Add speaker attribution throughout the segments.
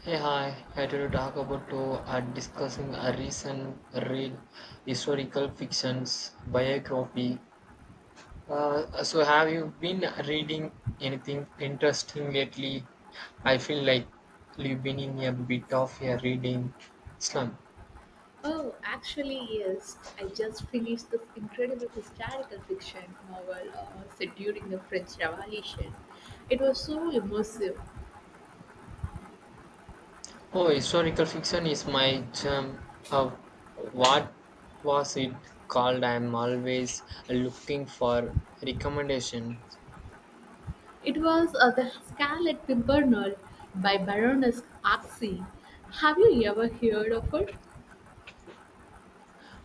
Speaker 1: Hey, hi. I to talk about to discussing a recent read historical fictions biography. So, have you been reading anything interesting lately? I feel like you've been in a bit of a reading slump.
Speaker 2: Oh, actually, yes. I just finished this incredible historical fiction novel set during the French Revolution. It was so immersive.
Speaker 1: Oh, historical fiction is my term of what was it called? I'm always looking for recommendation.
Speaker 2: It was The Scarlet Pimpernel by Baroness Arksey. Have you ever heard of it?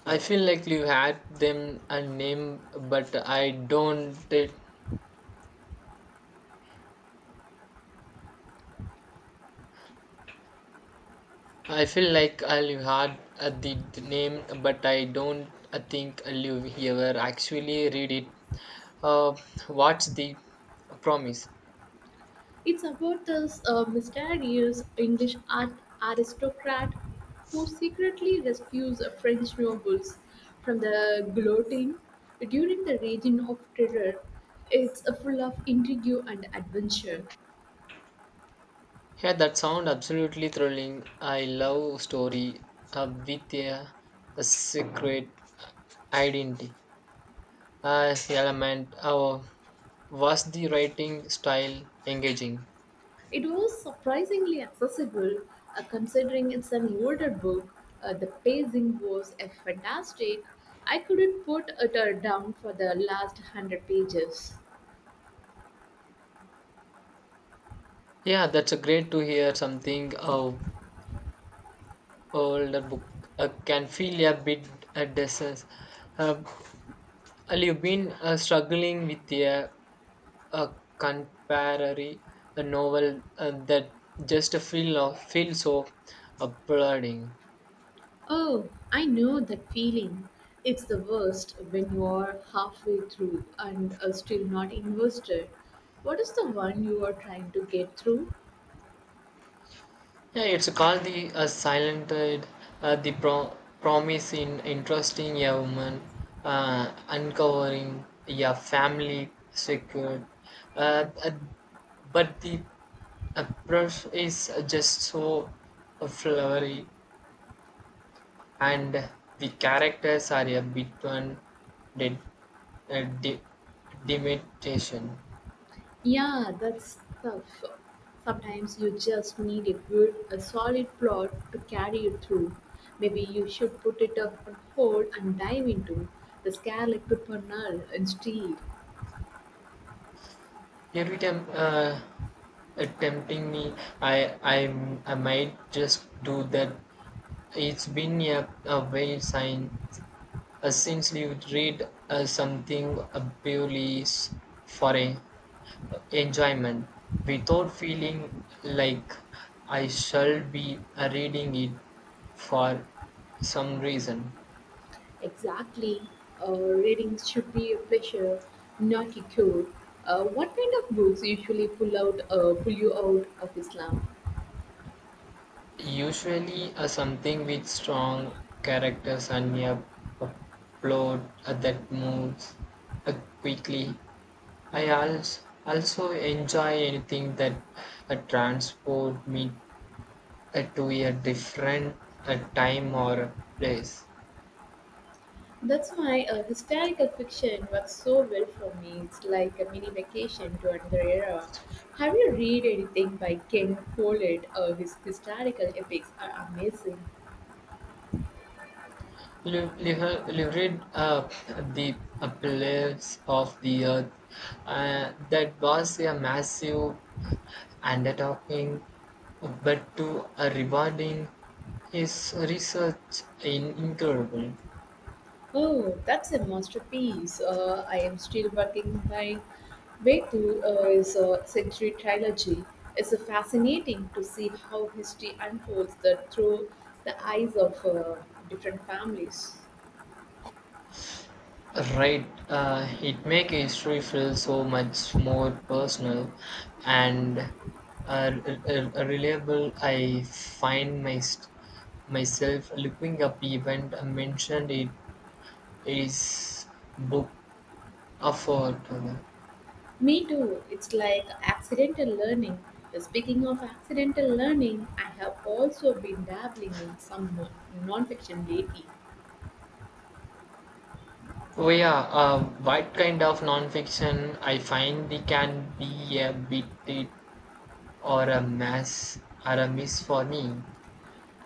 Speaker 1: I feel like you had them a name, but I don't. I feel like you had the name, but I don't think you ever actually read it. Uh, what's the promise?
Speaker 2: It's about this mysterious English art aristocrat who secretly rescues French nobles from the guillotine during the Reign of Terror. It's full of intrigue and adventure.
Speaker 1: Yeah, that sound absolutely thrilling. I love story with a secret identity element. Was the writing style engaging?
Speaker 2: It was surprisingly accessible considering it's an older book. The pacing was fantastic. I couldn't put it down for the last 100 pages.
Speaker 1: Yeah, that's a great to hear something. Older book can feel a bit depressed. Uh, you've been struggling with a contemporary novel that just feel so applauding.
Speaker 2: Oh, I know that feeling. It's the worst when you are halfway through and are still not invested. What is the one you are trying to get through?
Speaker 1: Yeah, it's called the silent the promise in interesting a woman uncovering a family secured. Uh, uh, but the approach is just so flowery, and the characters are a bit one did uh, di- dimitation.
Speaker 2: Yeah, that's tough. Sometimes you just need a solid plot to carry you through. Maybe you should put it up on hold and dive into the scarlet pimpernel instead.
Speaker 1: Every time tempting me, I might just do that. It's been a while sign since you read something purely for a enjoyment without feeling like I shall be reading it for some reason.
Speaker 2: Exactly. Reading should be a pleasure, not a chore. What kind of books usually pull you out of Islam?
Speaker 1: Usually, something with strong characters and a p- plot that moves uh, quickly. I also enjoy anything that transport me to a different time or place.
Speaker 2: That's why historical fiction works so well for me. It's like a mini vacation to another era. Have you read anything by Ken Follett? His historical epics are amazing.
Speaker 1: You read the pillars of the earth. That was a massive And undertaking but to rewarding. His research in incredible.
Speaker 2: Oh, that's a masterpiece. I am still working my way through his Century Trilogy. It's fascinating to see how history unfolds that through the eyes of different families.
Speaker 1: Right, it make history feel so much more personal and reliable. I find myself looking up event mentioned in his book afford.
Speaker 2: Me too. It's like accidental learning. Speaking of accidental learning, I have also been dabbling in some nonfiction lately.
Speaker 1: Oh yeah, what kind of non-fiction I find they can be a bit Or a mess, or a miss for me.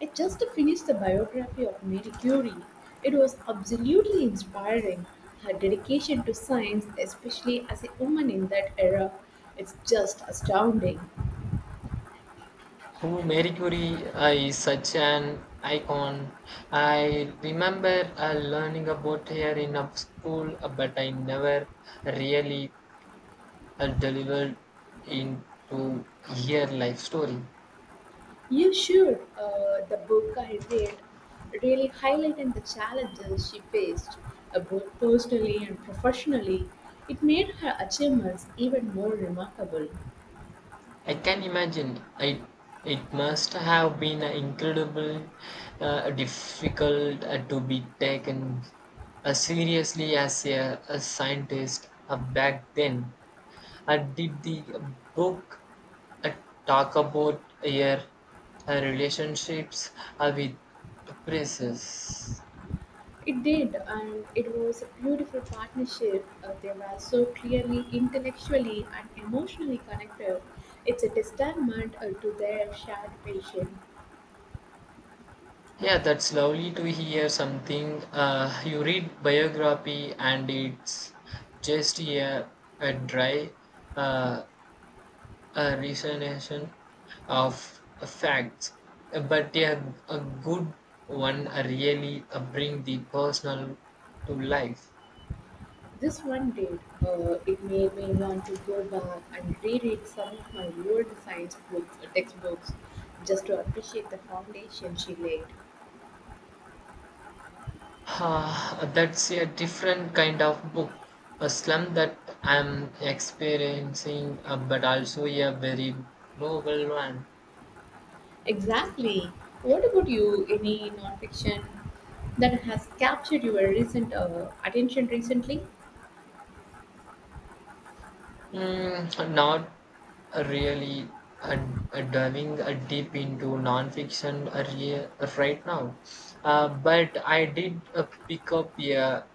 Speaker 2: I just finished the biography of Marie Curie. It was absolutely inspiring. Her dedication to science, especially as a woman in that era, it's just astounding.
Speaker 1: Who Marie Curie is such an icon. I remember learning about her in a school, but I never really delivered into her life story.
Speaker 2: You should. The book I read really highlighted the challenges she faced, both personally and professionally. It made her achievements even more remarkable.
Speaker 1: I can imagine it. It must have been an incredible, difficult to be taken seriously as a scientist back then. And did the book uh, talk about your relationships with princess?
Speaker 2: It did, and it was a beautiful partnership. They were so clearly intellectually and emotionally connected. It's a testament to their shared passion.
Speaker 1: Yeah, that's lovely to hear something. You read biography and it's just a dry uh, a recitation of facts, but yeah, a good one really bring the personal to life.
Speaker 2: This one did. It made me want to go back and reread some of my old science books, textbooks, just to appreciate the foundation she laid.
Speaker 1: Ah, that's a different kind of book. A slum that I'm experiencing, but also a very novel one.
Speaker 2: Exactly. What about you? Any nonfiction that has captured your recent attention recently?
Speaker 1: Mm, not really uh, diving deep into nonfiction right now, but I did pick up a,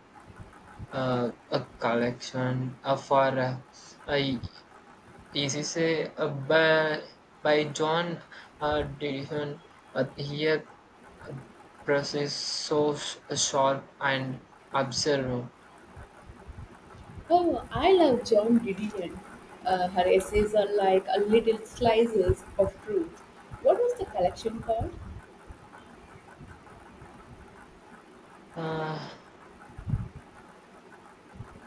Speaker 1: uh, a collection for uh, this is a, by John Dillon. Here, press is so sharp and observant.
Speaker 2: Oh, I love Joan Didion. Her essays are like a little slices of truth. What was the collection called?
Speaker 1: Uh,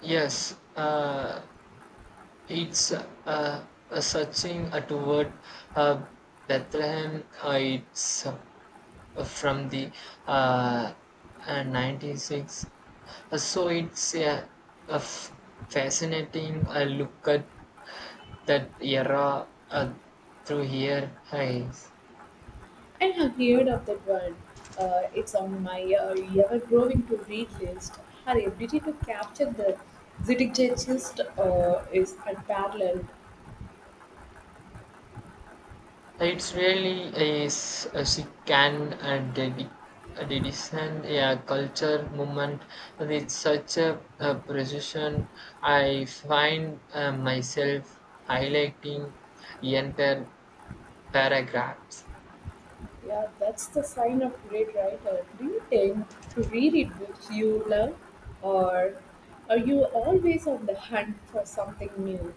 Speaker 1: yes, it's searching toward uh, Bethlehem. It's from the uh, 96. So it's a fascinating look at that era through here. Is,
Speaker 2: I have heard of that one. It's on my ever-growing to-read list. Her ability to capture the zeitgeist is unparalleled.
Speaker 1: it's really is a second and a dedication, a culture movement with such a precision. I find myself highlighting entire paragraphs.
Speaker 2: Yeah, that's the sign of great writer. Do you tend to reread books you love, or are you always on the hunt for something new?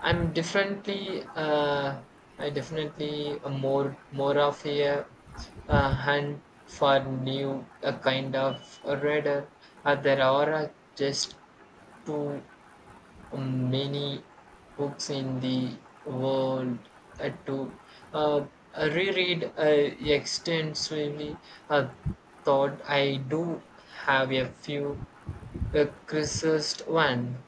Speaker 1: I'm differently, uh, I definitely a more of a hand for new a kind of a reader. There are just too many books in the world to uh, reread extensively. Uh, Thought I do have a few criticized one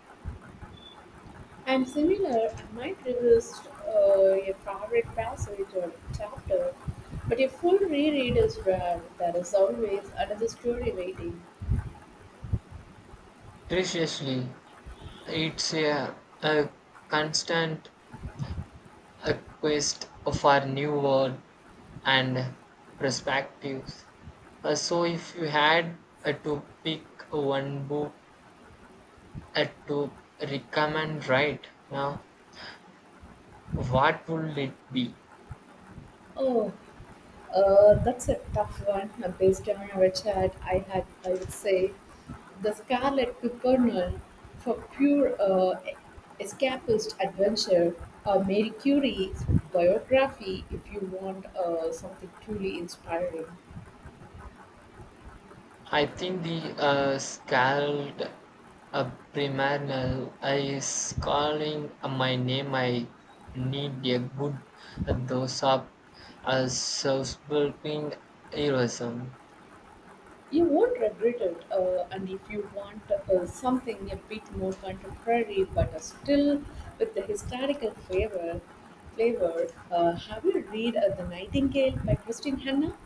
Speaker 2: And similar, I might revisit a favorite passage or chapter, but a full reread is rare. There is always another story waiting.
Speaker 1: preciously. It's a constant a quest for new world and perspectives. So if you had to pick one book to recommend right now, what would it be?
Speaker 2: Oh, that's a tough one. Based on our chat, I would say, the Scarlet Pimpernel for pure escapist adventure, or Mary Curie's biography if you want something truly inspiring.
Speaker 1: I think the scald primordial is calling my name. I need a good dose of self-building heroism.
Speaker 2: You won't regret it, and if you want something a bit more contemporary but still with the historical flavor, have you read *The Nightingale* by Christine Hanna?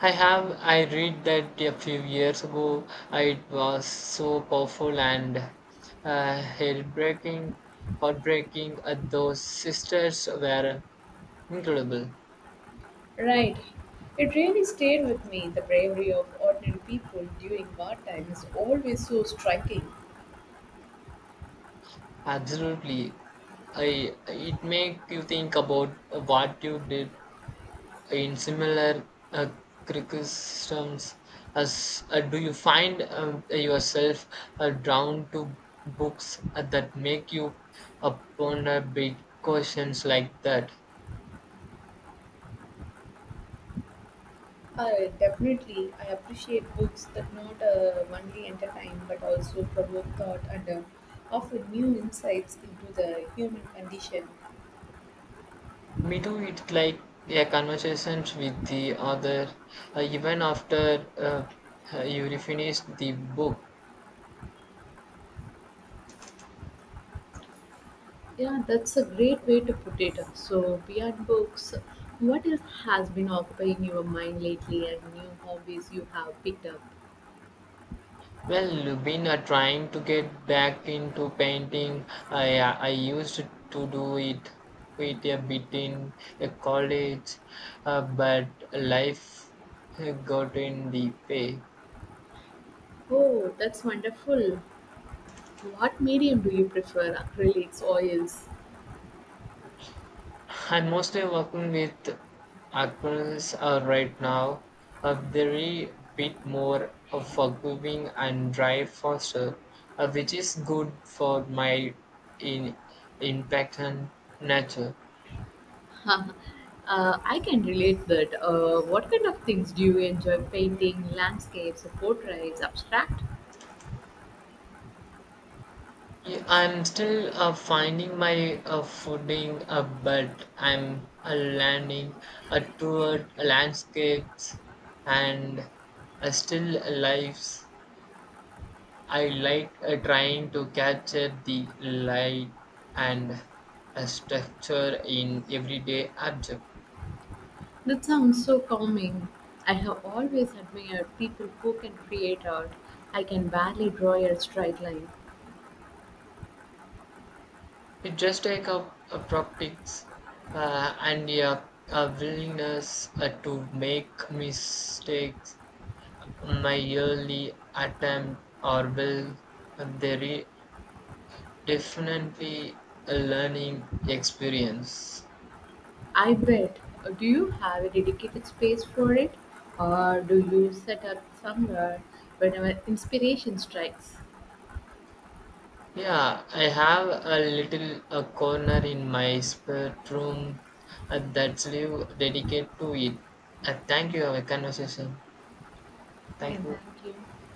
Speaker 1: I read that a few years ago. It was so powerful and heartbreaking. Heartbreaking. Those sisters were incredible.
Speaker 2: Right. It really stayed with me. The bravery of ordinary people during wartime is always so striking.
Speaker 1: Absolutely. I, it makes you think about what you did in similar uh, criticisms. As do you find yourself drawn to books that make you ponder big questions like that?
Speaker 2: Definitely, I appreciate books that not only entertain but also provoke thought and offer new insights into the human condition.
Speaker 1: Me too. It's like a conversation with the other, even after you finish the book.
Speaker 2: Yeah, that's a great way to put it. So, beyond books, what else has been occupying your mind lately and new hobbies you have picked up?
Speaker 1: Well, been trying to get back into painting. I used to do it quite a bit in college, but life got in the way.
Speaker 2: Oh, that's wonderful. What medium do you prefer, acrylics, oils?
Speaker 1: I'm mostly working with actors right now. A very bit more forgiving and dry faster, which is good for my in impact on nature.
Speaker 2: uh, I can relate that. What kind of things do you enjoy? Painting, landscapes, portraits, abstract?
Speaker 1: Yeah, I'm still finding my footing, but I'm landing toward landscapes and still lives. I like trying to capture the light and structure in everyday object.
Speaker 2: That sounds so calming. I have always admired people who can create art. I can barely draw a straight line.
Speaker 1: It just takes a practice and a willingness to make mistakes. My early attempts are well, they definitely a learning experience.
Speaker 2: I bet. Do you have a dedicated space for it? Or do you set up somewhere whenever inspiration strikes?
Speaker 1: Yeah, I have a little a corner in my spare room that's live dedicated to it. Thank you, for our conversation.
Speaker 2: Yeah,
Speaker 1: Thank you.
Speaker 2: thank you.